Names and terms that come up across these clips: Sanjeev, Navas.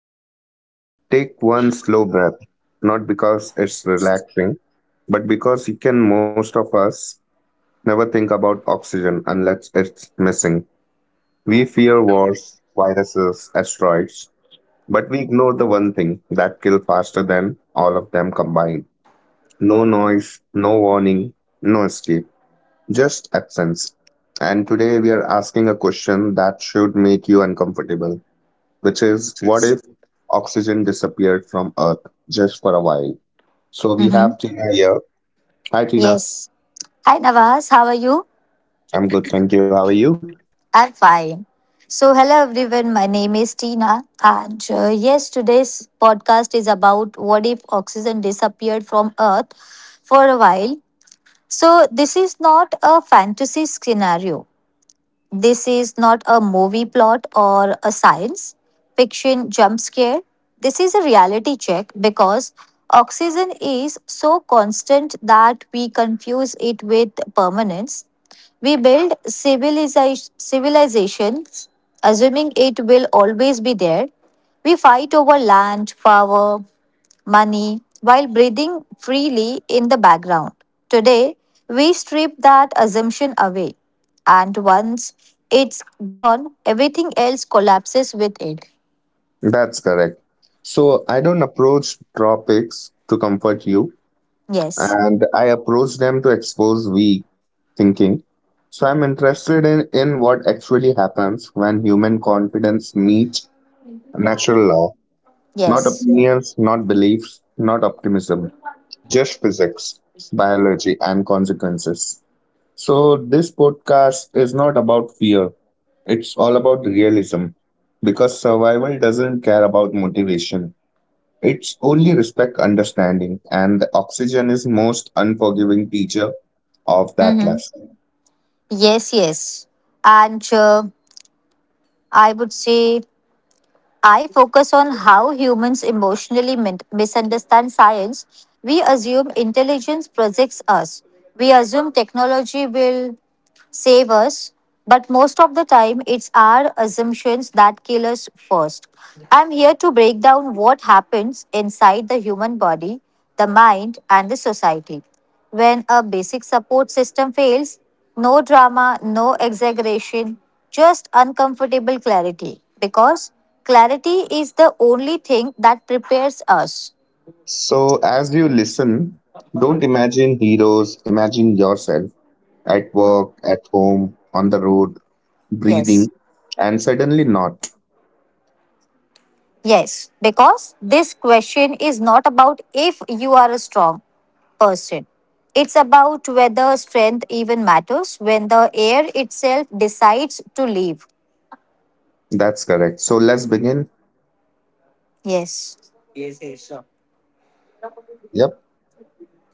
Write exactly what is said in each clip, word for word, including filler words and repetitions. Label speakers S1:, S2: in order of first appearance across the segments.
S1: today, take one slow breath, not because it's relaxing, but because you can, most of us, never think about oxygen unless it's missing. We fear wars, viruses, asteroids, but we ignore the one thing that kills faster than all of them combined. No noise, no warning, no escape, just absence. And today we are asking a question that should make you uncomfortable, which is what if oxygen disappeared from Earth just for a while? So we have
S2: Mm-hmm.
S1: Tina here. Hi, Tina.
S2: Yes. Hi, Navas. How are you?
S1: I'm good, thank you. How are you?
S2: I'm fine. So, hello everyone. My name is Tina, and uh, yes, today's podcast is about what if oxygen disappeared from Earth for a while. So, this is not a fantasy scenario. This is not a movie plot or a science fiction jump scare. This is a reality check because oxygen is so constant that we confuse it with permanence. We build civilization, civilizations assuming it will always be there. We fight over land, power, money, while breathing freely in the background. Today, we strip that assumption away, and once it's gone, everything else collapses with it.
S1: That's correct. So I don't approach topics to comfort you,
S2: Yes,
S1: and I approach them to expose weak thinking. So I'm interested in, in what actually happens when human confidence meets natural law, not
S2: yes.
S1: opinions, not beliefs, not optimism, just physics, biology, and consequences. So, this podcast is not about fear, it's all about realism because survival doesn't care about motivation. It's only respect understanding, and the oxygen is most unforgiving teacher of that
S2: Mm-hmm.
S1: lesson.
S2: Yes, yes. And uh, I would say I focus on how humans emotionally min- misunderstand science. We assume intelligence projects us. We assume technology will save us, but most of the time it's our assumptions that kill us first. I'm here to break down what happens inside the human body, the mind, and the society. When a basic support system fails, no drama, no exaggeration, just uncomfortable clarity. Because clarity is the only thing that prepares us.
S1: So, as you listen, don't imagine heroes, imagine yourself at work, at home, on the road,
S2: Yes.
S1: breathing, and suddenly not.
S2: Yes, because this question is not about if you are a strong person. It's about whether strength even matters when the air itself decides to leave.
S1: That's correct. So let's begin.
S2: Yes.
S1: Yep.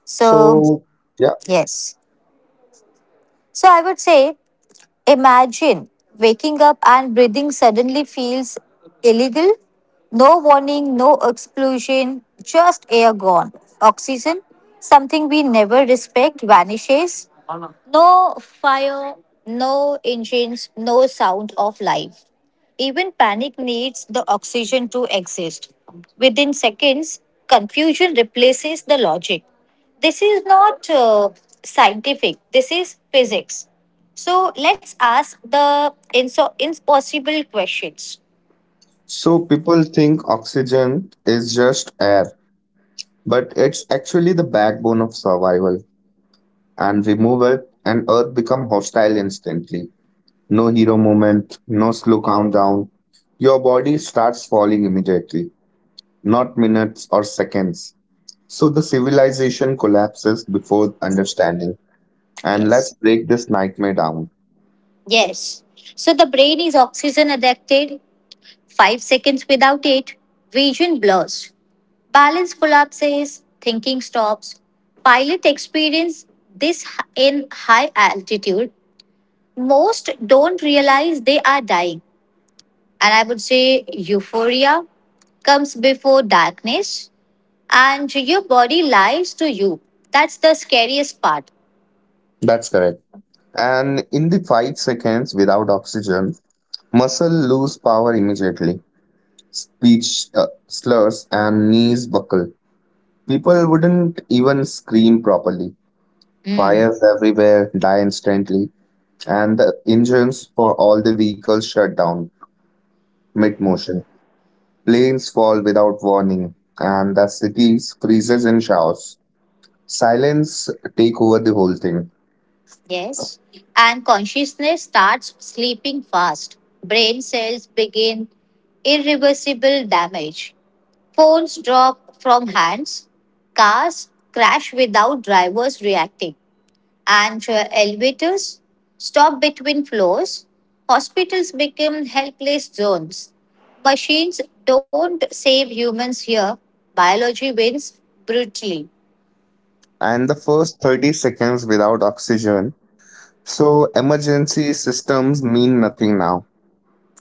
S2: So,
S1: So, yeah,
S2: yes. So, I would say imagine waking up and breathing suddenly feels illegal. No warning, no explosion, just air gone. Oxygen, something we never respect, vanishes. No fire, no engines, no sound of life. Even panic needs the oxygen to exist. Within seconds, confusion replaces the logic. This is not uh, scientific, this is physics. So let's ask the inso- impossible questions.
S1: so people think oxygen is just air, but it's actually the backbone of survival. And remove it, and Earth become hostile instantly. No hero moment, no slow countdown. Your body starts falling immediately, not minutes or seconds. So the civilization collapses before understanding. And let's
S2: Yes.
S1: break this nightmare down.
S2: Yes. So the brain is oxygen addicted. Five seconds without it, vision blurs. Balance collapses, thinking stops. Pilot experience this h- in high altitude. Most don't realize they are dying. And I would say euphoria comes before darkness and your body lies to you. That's the scariest part.
S1: That's correct. And in the five seconds without oxygen, muscle lose power immediately. Speech uh, slurs and knees buckle. People wouldn't even scream properly.
S2: Mm,
S1: Fires everywhere die instantly, and the engines for all the vehicles shut down mid motion. Planes fall without warning, and the cities freezes in showers. Silence take over the whole thing.
S2: yes. And consciousness starts sleeping fast. Brain cells begin irreversible damage. Phones drop from hands, cars crash without drivers reacting, and uh, elevators stop between floors. Hospitals become helpless zones. Machines don't save humans here. Biology wins brutally.
S1: And the first thirty seconds without oxygen, so emergency systems mean nothing now.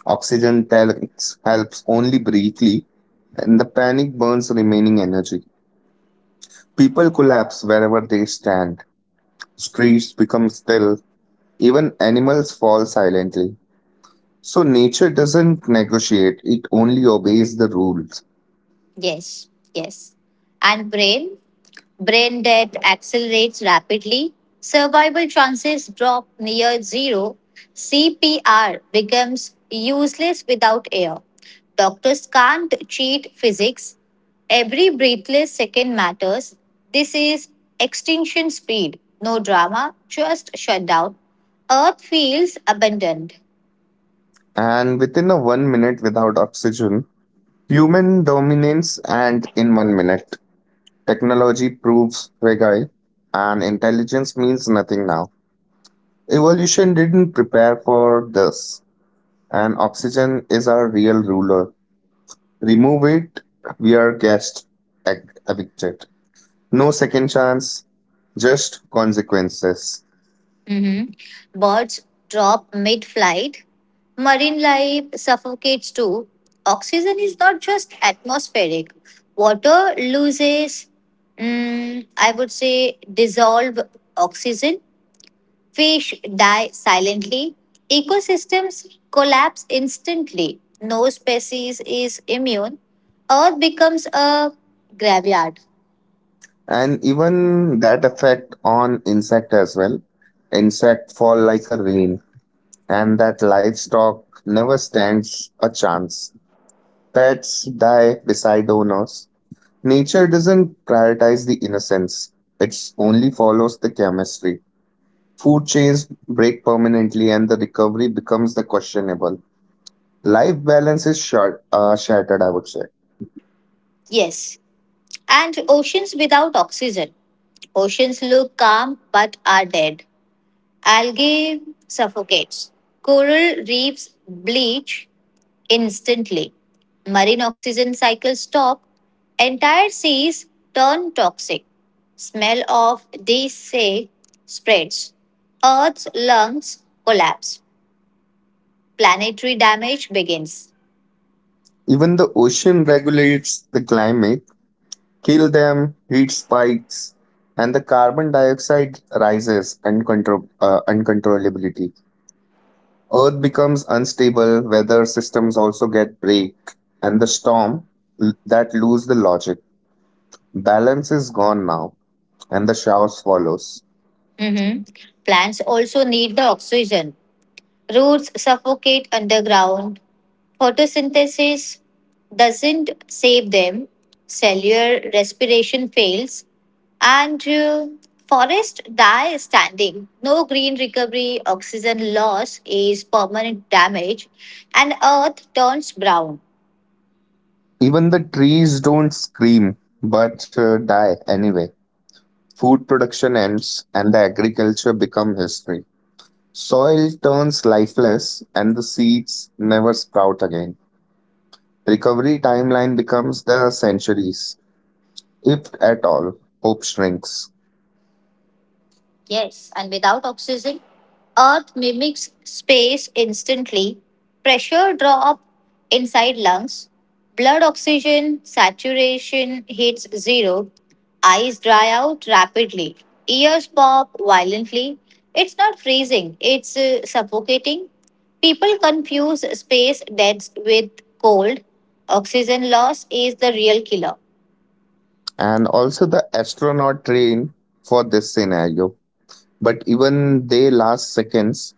S1: Oxygen tanks helps only briefly, and the panic burns remaining energy. People collapse wherever they stand. Streets become still. Even animals fall silently. So nature doesn't negotiate, it only obeys the rules.
S2: Yes, yes. And brain Brain death accelerates rapidly, survival chances drop near zero, C P R becomes useless without air. Doctors can't cheat physics. Every breathless second matters. This is extinction speed. No drama, just shutdown. Earth feels abandoned.
S1: And within a one minute without oxygen, human dominance and in one minute. Technology proves fragile and intelligence means nothing now. Evolution didn't prepare for this, and oxygen is our real ruler. Remove it, we are guest ev- evicted. No second chance, just consequences.
S2: Mhm. Birds drop mid flight. Marine life suffocates too. Oxygen is not just atmospheric. Water loses, mm, I would say, dissolved oxygen. Fish die silently. Ecosystems collapse instantly. No species is immune. Earth becomes a graveyard.
S1: And even that effect on insect as well. Insect fall like a rain, and that livestock never stands a chance. Pets die beside owners. Nature doesn't prioritize the innocence. It only follows the chemistry. Food chains break permanently and the recovery becomes the questionable. Life balance is short, uh, shattered, I would say.
S2: Yes. And oceans without oxygen. Oceans look calm but are dead. Algae suffocates. Coral reefs bleach instantly. Marine oxygen cycles stop. Entire seas turn toxic. Smell of decay spreads. Earth's lungs collapse. Planetary damage begins.
S1: Even the ocean regulates the climate, kill them, heat spikes, and the carbon dioxide rises uncontro- uh, uncontrollability. Earth becomes unstable, weather systems also get break, and the storm l- that lose the logic. Balance is gone now, and the chaos follows.
S2: Mhm. Plants also need the oxygen. Roots suffocate underground. Photosynthesis doesn't save them, cellular respiration fails, and uh, forests die standing. No green recovery, oxygen loss is permanent damage, and earth turns brown.
S1: Even the trees don't scream, but uh, die anyway. Food production ends, and the agriculture become history. Soil turns lifeless, and the seeds never sprout again. Recovery timeline becomes the centuries, if at all. Hope shrinks,
S2: Yes, and without oxygen, Earth mimics space instantly. Pressure drop inside lungs, blood oxygen saturation hits zero, eyes dry out rapidly, ears pop violently. It's not freezing, it's uh, suffocating. People confuse space deaths with cold. Oxygen loss is the real killer.
S1: and also the astronaut train for this scenario. But even they last seconds.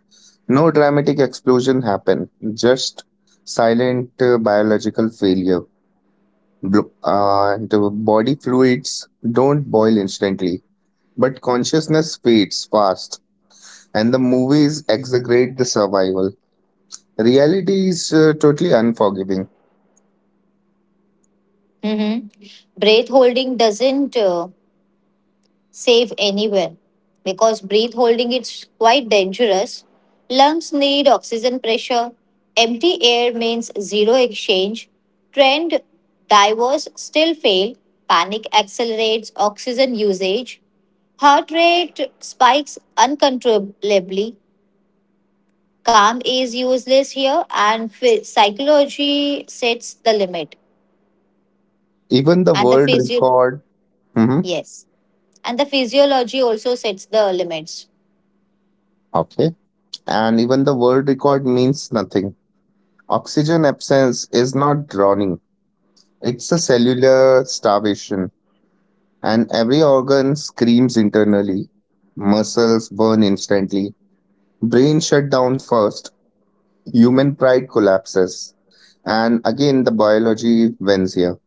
S1: No dramatic explosion happen, just silent uh, biological failure. Bl- uh, and the body fluids don't boil instantly, but consciousness fades fast, and the movies exaggerate the survival. Reality is uh, totally unforgiving.
S2: Mhm. Breath holding doesn't. Uh, safe anywhere because breath holding is quite dangerous. Lungs need oxygen pressure. Empty air means zero exchange. Trained divers still fail. Panic accelerates oxygen usage. Heart rate spikes uncontrollably. Calm is useless here, and phy- psychology sets the limit.
S1: Even the
S2: And the
S1: world
S2: physio,
S1: record, mhm,
S2: yes, and the physiology also sets the limits.
S1: okay, and even the world record means nothing. Oxygen absence is not drowning; it's a cellular starvation, and every organ screams internally. Muscles burn instantly, brain shut down first. Human pride collapses. And again, the biology wins here.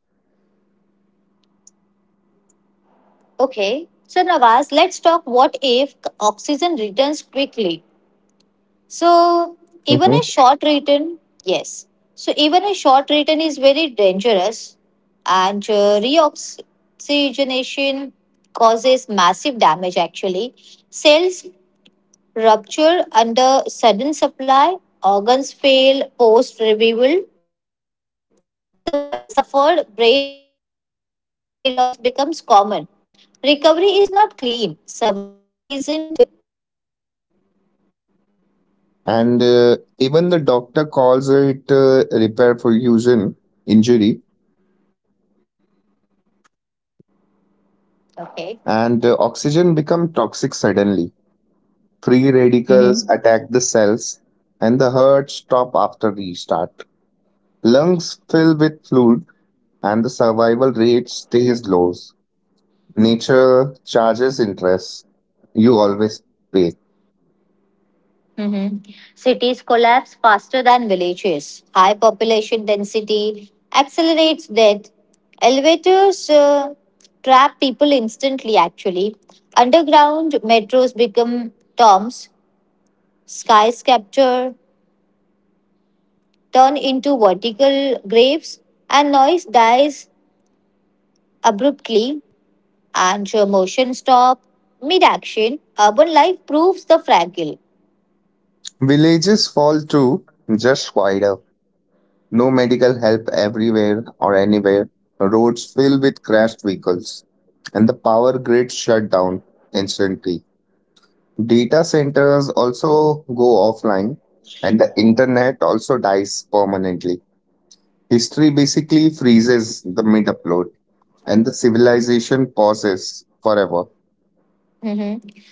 S2: Okay. So Nawaz, let's talk what if oxygen returns quickly. So even
S1: Mhm.
S2: a short return, Yes. So even a short return is very dangerous, and uh, reoxygenation causes massive damage. Actually, cells rupture under sudden supply, organs fail post revival. Survivors suffer brain injury, and memory loss becomes common. Recovery is not clean. Survival isn't victory.
S1: And uh, even the doctor calls it uh, repair perfusion injury,
S2: Okay.
S1: and uh, oxygen become toxic suddenly. Free
S2: Mm-hmm.
S1: radicals attack the cells, and the heart stop after restart. Lungs fill with fluid, and the survival rate stays low. Nature charges interest. You always pay.
S2: Mhm. Cities collapse faster than villages. High population density accelerates death. Elevators uh, trap people instantly, actually. Underground metros become tombs. Skyscraper turn into vertical graves, and noise dies abruptly, and uh, motion stop mid action. Urban life proves the fragile.
S1: Villages fall too, just wider. No medical help everywhere or anywhere. Roads filled with crashed vehicles. And the power grid shut down instantly. Data centers also go offline, and the internet also dies permanently. History basically freezes the mid upload, and the civilization pauses forever.
S2: Mhm.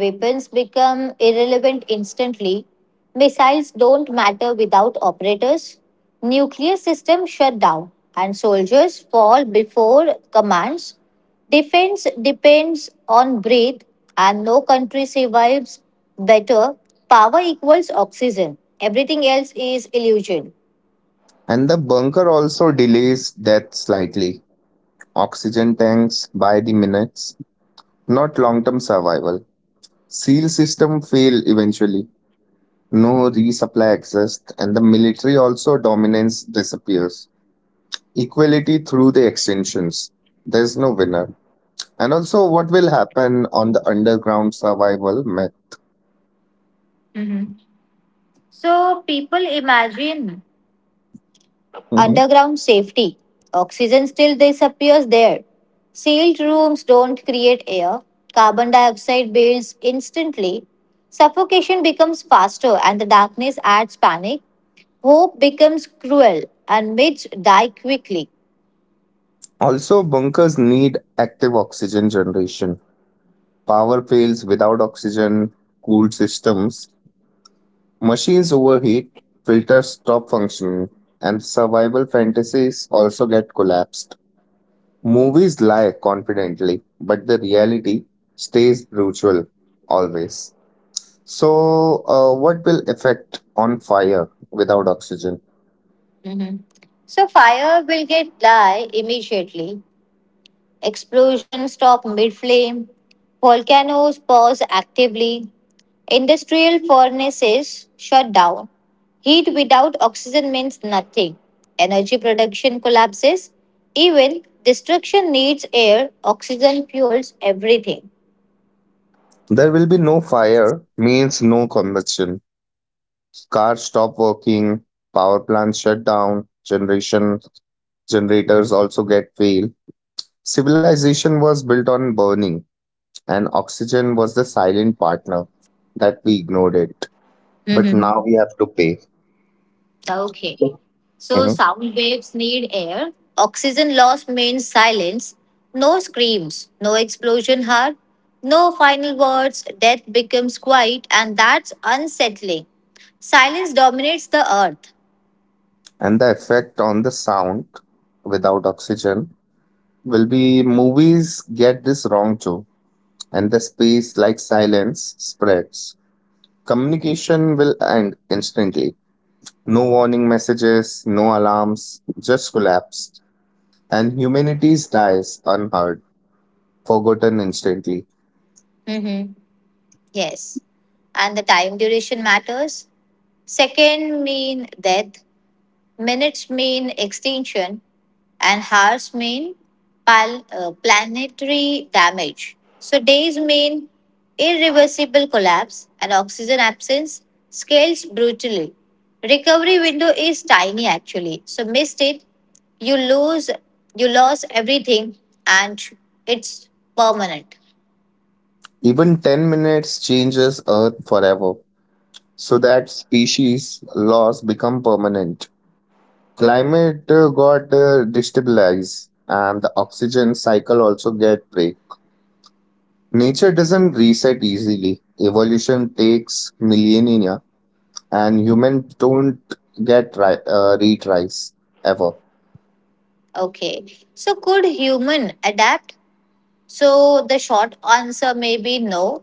S2: Weapons become irrelevant instantly. Missiles don't matter without operators. Nuclear systems shut down and soldiers fall before commands. Defense depends on breath and no country survives better. Power equals oxygen. Everything else is illusion.
S1: And the bunker also delays death slightly. Oxygen tanks by the minutes, not long term survival. Seal system fail eventually, no resupply exists, and the military also dominance disappears. Equality through the extensions. There's no winner. And also, what will happen on the underground survival myth?
S2: Hmm. So people imagine
S1: Mhm.
S2: Underground safety. Oxygen still disappears there. Sealed rooms don't create air. Carbon dioxide builds instantly. Suffocation becomes faster and the darkness adds panic. Hope becomes cruel and myths die quickly.
S1: Also, bunkers need active oxygen generation. Power fails without oxygen, cooled systems, machines overheat, filters stop functioning, and survival fantasies also get collapsed. Movies lie confidently, but the reality stays brutal always. So, uh, what will affect on fire without oxygen?
S2: Mhm. So fire will get die immediately. Explosions stop mid flame. Volcanoes pause actively. Industrial furnaces shut down. Heat without oxygen means nothing. Energy production collapses. Even destruction needs air. Oxygen fuels everything.
S1: There will be no fire, means no combustion. Cars stop working, power plants shut down, generation generators also get fail. Civilization was built on burning, and oxygen was the silent partner that we ignored it. But now
S2: Mm-hmm.
S1: we have to pay.
S2: Okay. So
S1: Mhm.
S2: sound waves need air. Oxygen loss means silence. No screams, no explosion heard, no final words. Death becomes quiet, and that's unsettling. Silence dominates the earth.
S1: And the effect on the sound without oxygen will be movies get this wrong too, and the space like silence spreads, communication will end instantly, no warning messages, no alarms, just collapsed, and humanity dies unheard, forgotten instantly.
S2: Mm-hmm. Yes. And the time duration matters. Second mean death, minutes mean extinction, and hours mean pal- uh, planetary damage. So days mean irreversible collapse and oxygen absence scales brutally. Recovery window is tiny actually. So missed it, you lose you lost everything and it's permanent.
S1: Even ten minutes changes earth forever, so that species loss become permanent, climate uh, got uh, destabilized and the oxygen cycle also get break. Nature doesn't reset easily, evolution takes millennia, and humans don't get ri- uh, retries ever.
S2: Okay. So could human adapt? So the short answer may be no.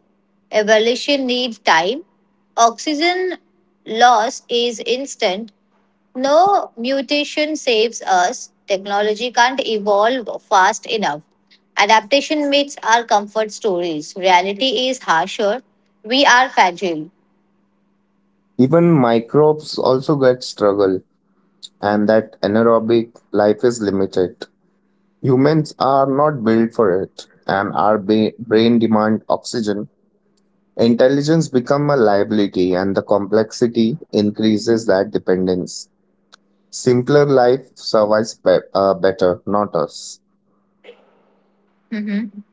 S2: Evolution needs time. Oxygen loss is instant. No mutation saves us. Technology can't evolve fast enough. Adaptation meets our comfort stories. Reality is harsher. We are fragile.
S1: Even microbes also get struggle, and that anaerobic life is limited. Humans are not built for it, and our ba- brain demand oxygen. Intelligence become a liability and the complexity increases that dependence. Simpler life survives be- uh, better, not us.
S2: Mhm.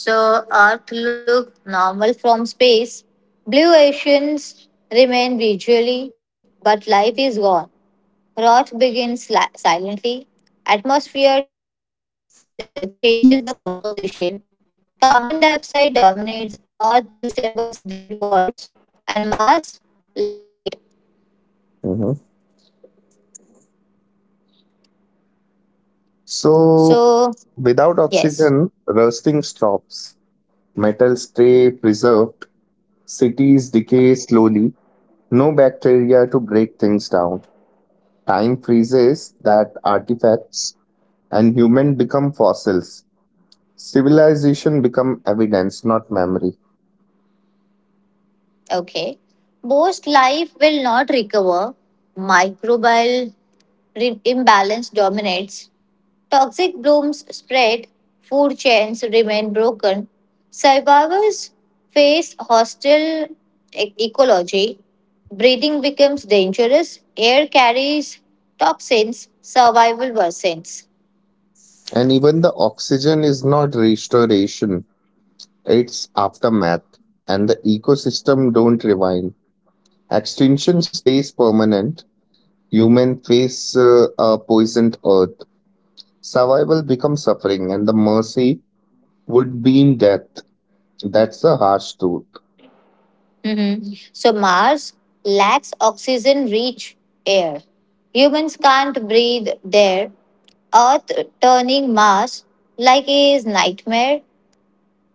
S2: So Earth looked normal from space. Blue oceans remain visually, but life is gone. Roth begins la- silently. Atmosphere danger, uh, changes the composition. Carbon dioxide dominates, Earth resembles dead worlds, and Mars like fate.
S1: Mhm. So,
S2: So,
S1: without
S2: yes,
S1: oxygen, rusting stops. Metals stay preserved. Cities decay slowly. No bacteria to break things down. Time freezes that artifacts, and human become fossils. Civilization become evidence, not memory.
S2: okay. Most life will not recover. Microbial re- imbalance dominates. Toxic blooms spread, food chains remain broken, survivors face hostile e- ecology, breeding becomes dangerous, air carries toxins, survival worsens.
S1: And even the oxygen is not restoration, it's aftermath. And the ecosystem don't rewind. Extinction stays permanent. Human face uh, a poisoned earth. Survival becomes suffering, and the mercy would be in death. That's the harsh truth.
S2: Mhm. So, Mars lacks oxygen rich air. Humans can't breathe there, Earth turning Mars like a nightmare.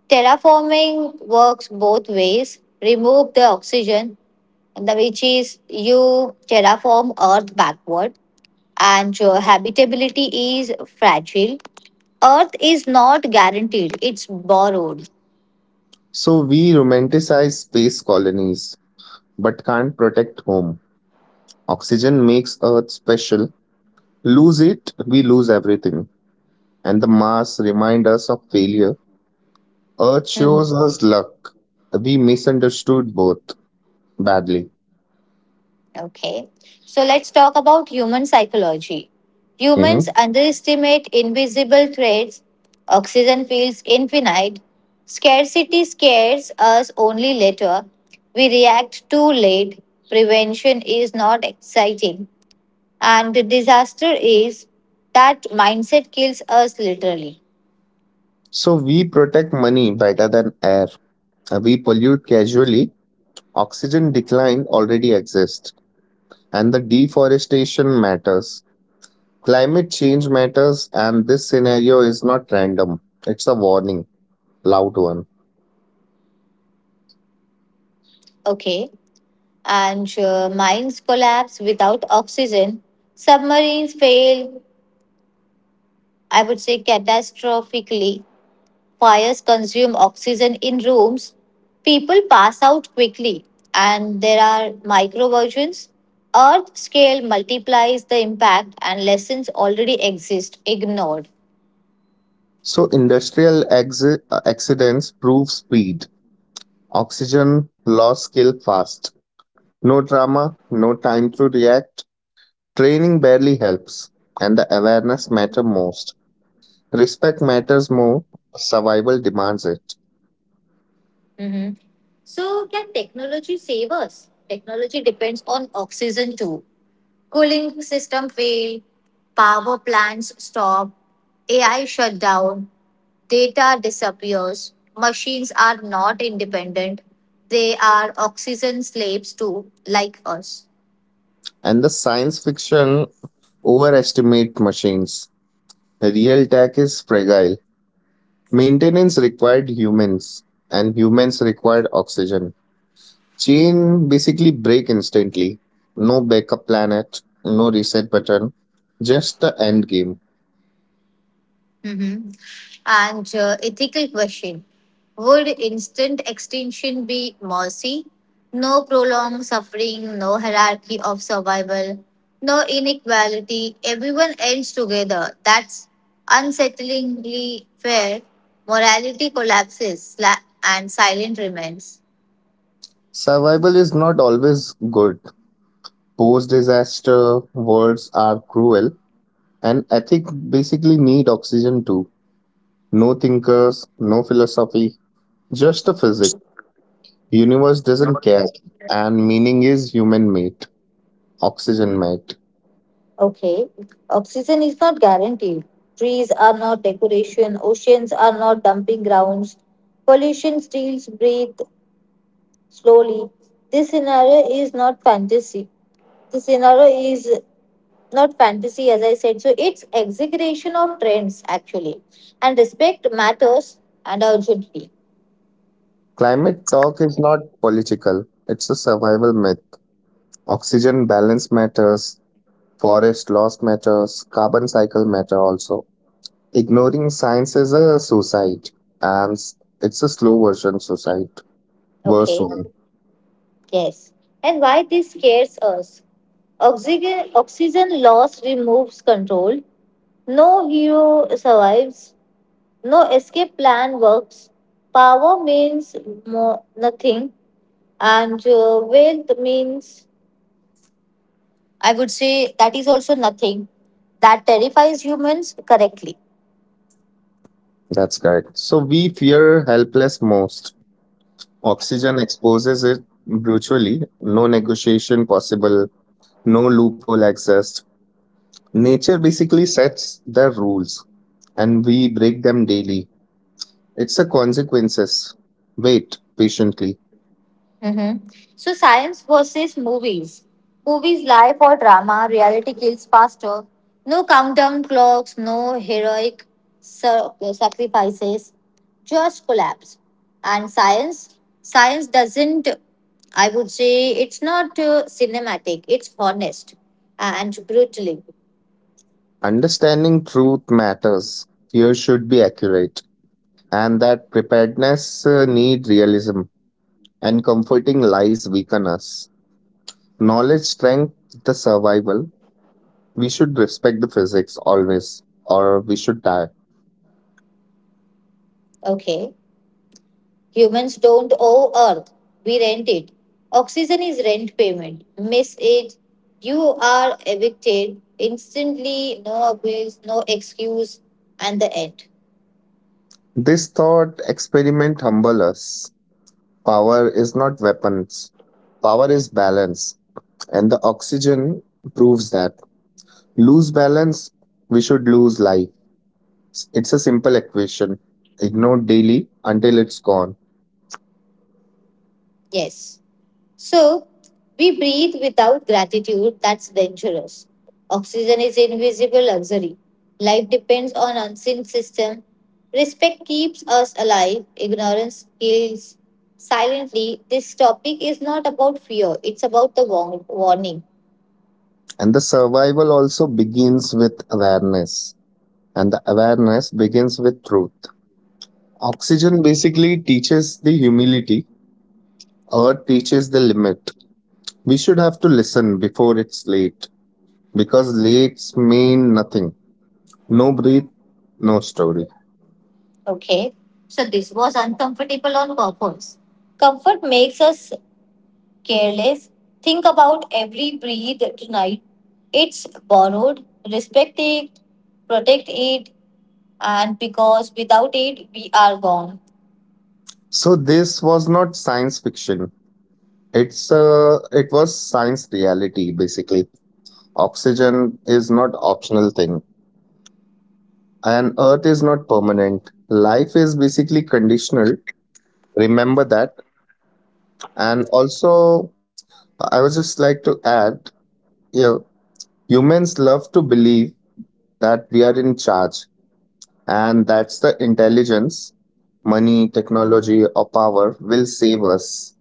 S2: Terraforming works both ways remove the oxygen, the which is you terraform earth backward and your habitability is fragile earth is not guaranteed it's borrowed.
S1: So we romanticize space colonies, but can't protect home. Oxygen makes Earth special. Lose it, we lose everything. And the Mars remind us of failure, Earth
S2: Mhm.
S1: shows us luck. We misunderstood both badly.
S2: Okay, so let's talk about human psychology. Humans
S1: Hmm.
S2: underestimate invisible threats. Oxygen feels infinite. Scarcity scares us only later. We react too late. Prevention is not exciting. And the disaster is that mindset kills us literally.
S1: So we protect money better than air. We pollute casually. Oxygen decline already exists. And the deforestation matters. Climate change matters, and this scenario is not random. It's a warning, loud one.
S2: Okay. And uh, mines collapse without oxygen. Submarines fail, I would say, catastrophically. Fires consume oxygen in rooms. People pass out quickly. And there are microversions. Earth scale multiplies the impact, and lessons already exist, ignored.
S1: So industrial exi- uh, accidents prove speed. Oxygen loss kill fast. No drama, no time to react. Training barely helps, and the awareness matter most. Respect matters more, survival demands it.
S2: Mm-hmm. So, can technology save us? Technology depends on oxygen too. Cooling system fail, power plants stop, A I shut down, data disappears, machines are not independent, they are oxygen slaves too, like us.
S1: And the science fiction overestimate machines. Real tech is fragile. Maintenance required humans, and humans required oxygen. Chain basically break instantly. No backup planet, no reset button, just the end game.
S2: Hmm. And uh, ethical question. Would instant extinction be mercy? No prolonged suffering, no hierarchy of survival, no inequality. Everyone ends together. That's unsettlingly fair. Morality collapses sla- and silent remains.
S1: Survival is not always good. Post disaster worlds are cruel, and ethics basically need oxygen too. No thinkers, no philosophy, just a physics. Universe doesn't care, and meaning is human made, oxygen made.
S2: Okay, oxygen is not guaranteed. Trees are not decoration. Oceans are not dumping grounds. Pollution steals breath slowly. This scenario is not fantasy. This scenario is not fantasy, as I said. So it's exaggeration of trends actually, and respect matters and urgently.
S1: Climate talk is not political, it's a survival myth. Oxygen balance matters, forest loss matters, carbon cycle matter also. Ignoring science is a suicide, and s- it's a slow version suicide. Worse
S2: Okay,
S1: one,
S2: yes. And why this scares us? Oxygen, oxygen loss removes control. No hero survives. No escape plan works. Power means mo- nothing, and uh, wealth means I would say that is also nothing that terrifies humans correctly.
S1: that's correct. So we fear helpless most. Oxygen exposes it brutally, no negotiation possible, no loophole accessed. Nature basically sets the rules and we break them daily. It's the consequences. Wait patiently.
S2: Mhm. So, science versus movies. Movies lie for drama, reality kills faster. No countdown clocks, no heroic sur- sacrifices, just collapse. And science, Science doesn't, I would say, it's not uh, cinematic, it's honest and brutally.
S1: Understanding truth matters. Fear should be accurate, and that preparedness uh, need realism, and comforting lies weaken us. Knowledge strength the survival. We should respect the physics always, or we should die.
S2: Okay. Humans don't owe Earth, we rent it. Oxygen is rent payment. Miss it, you are evicted instantly, no abuse, no excuse, and the end.
S1: This thought experiment humble us. Power is not weapons. Power is balance. And the oxygen proves that. Lose balance, we should lose life. It's a simple equation. Ignore daily until it's gone.
S2: Yes. So, we breathe without gratitude, that's dangerous. Oxygen is invisible luxury. Life depends on unseen system. Respect keeps us alive, ignorance kills silently. This topic is not about fear, it's about the warn- warning.
S1: And the survival also begins with awareness. And the awareness begins with truth. Oxygen basically teaches the humility. Earth teaches the limit. We should have to listen before it's late, because lakes mean nothing. No breath, no story.
S2: Okay, so this was uncomfortable on purpose. Comfort makes us careless. Think about every breathe tonight. It's borrowed. Respect it, protect it, and because without it, we are gone.
S1: So this was not science fiction. It's uh, it was science reality basically. Oxygen is not optional thing, and Earth is not permanent. Life is basically conditional. Remember that. And also, I would just like to add, you know, humans love to believe that we are in charge, and that's the intelligence money, technology, or power will save us.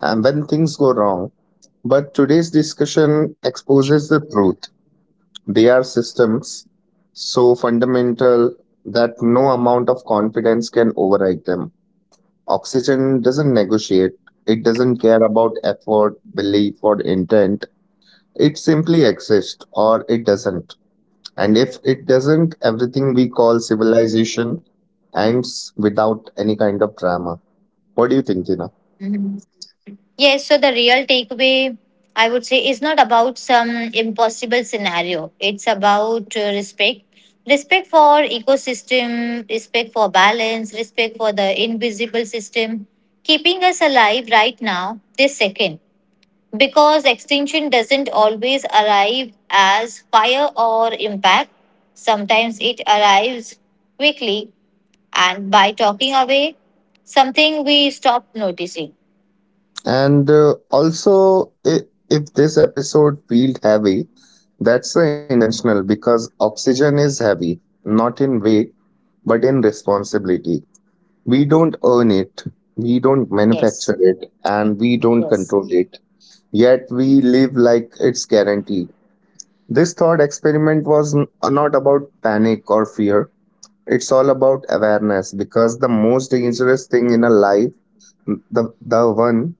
S1: And when things go wrong, but today's discussion exposes the truth. They are systems so fundamental that no amount of confidence can override them. Oxygen doesn't negotiate, it doesn't care about effort, belief, or intent. It simply exists or it doesn't. And if it doesn't, everything we call civilization ends without any kind of drama. What do you think, Tina?
S2: Yes, so the real takeaway, I would say, is not about some impossible scenario. It's about uh, respect. Respect for ecosystem, respect for balance, respect for the invisible system, keeping us alive right now, this second. Because extinction doesn't always arrive as fire or impact. Sometimes it arrives quickly and by talking away, something we stop noticing.
S1: And uh, also, I if this episode feels heavy, that's uh, intentional because oxygen is heavy, not in weight, but in responsibility. We don't earn it, we don't
S2: Yes,
S1: manufacture it, and we don't
S2: yes.
S1: control it. Yet we live like it's guaranteed. This thought experiment was n- not about panic or fear. It's all about awareness because the most dangerous thing in a life, the the one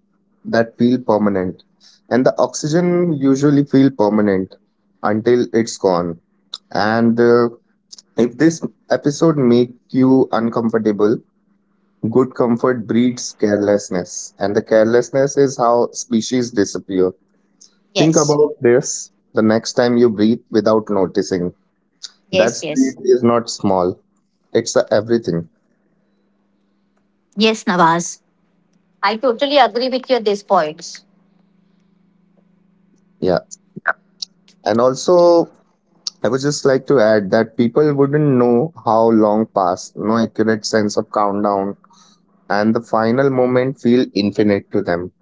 S1: that feel permanent, and the oxygen usually feel permanent until it's gone. And uh, if this episode make you uncomfortable, good comfort breeds carelessness, and the carelessness is how species disappear. Think
S2: Yes,
S1: about this the next time you breathe without noticing. That
S2: yes, yes.
S1: breath is not small; it's a everything.
S2: Yes, Nawaz. I totally agree with you at these points.
S1: Yeah. And also, I would just like to add that people wouldn't know how long passed, no accurate sense of countdown, and the final moment feel infinite to them.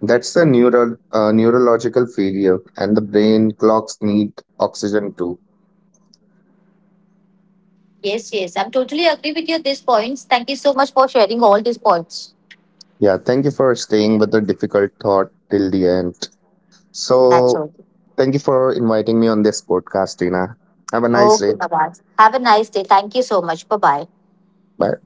S1: That's a neural uh, neurological failure, and the brain clocks need oxygen too.
S2: Yes, yes. I'm totally agree with you at these points. Thank you so much for sharing all these points.
S1: Yeah, thank you for staying with the difficult thought till the end.
S2: That's
S1: So,
S2: all.
S1: thank you for inviting me on this podcast, Tina. Have a nice
S2: Okay,
S1: day.
S2: Nawaz. Have a nice day. Thank you so much. Bye bye.
S1: Bye.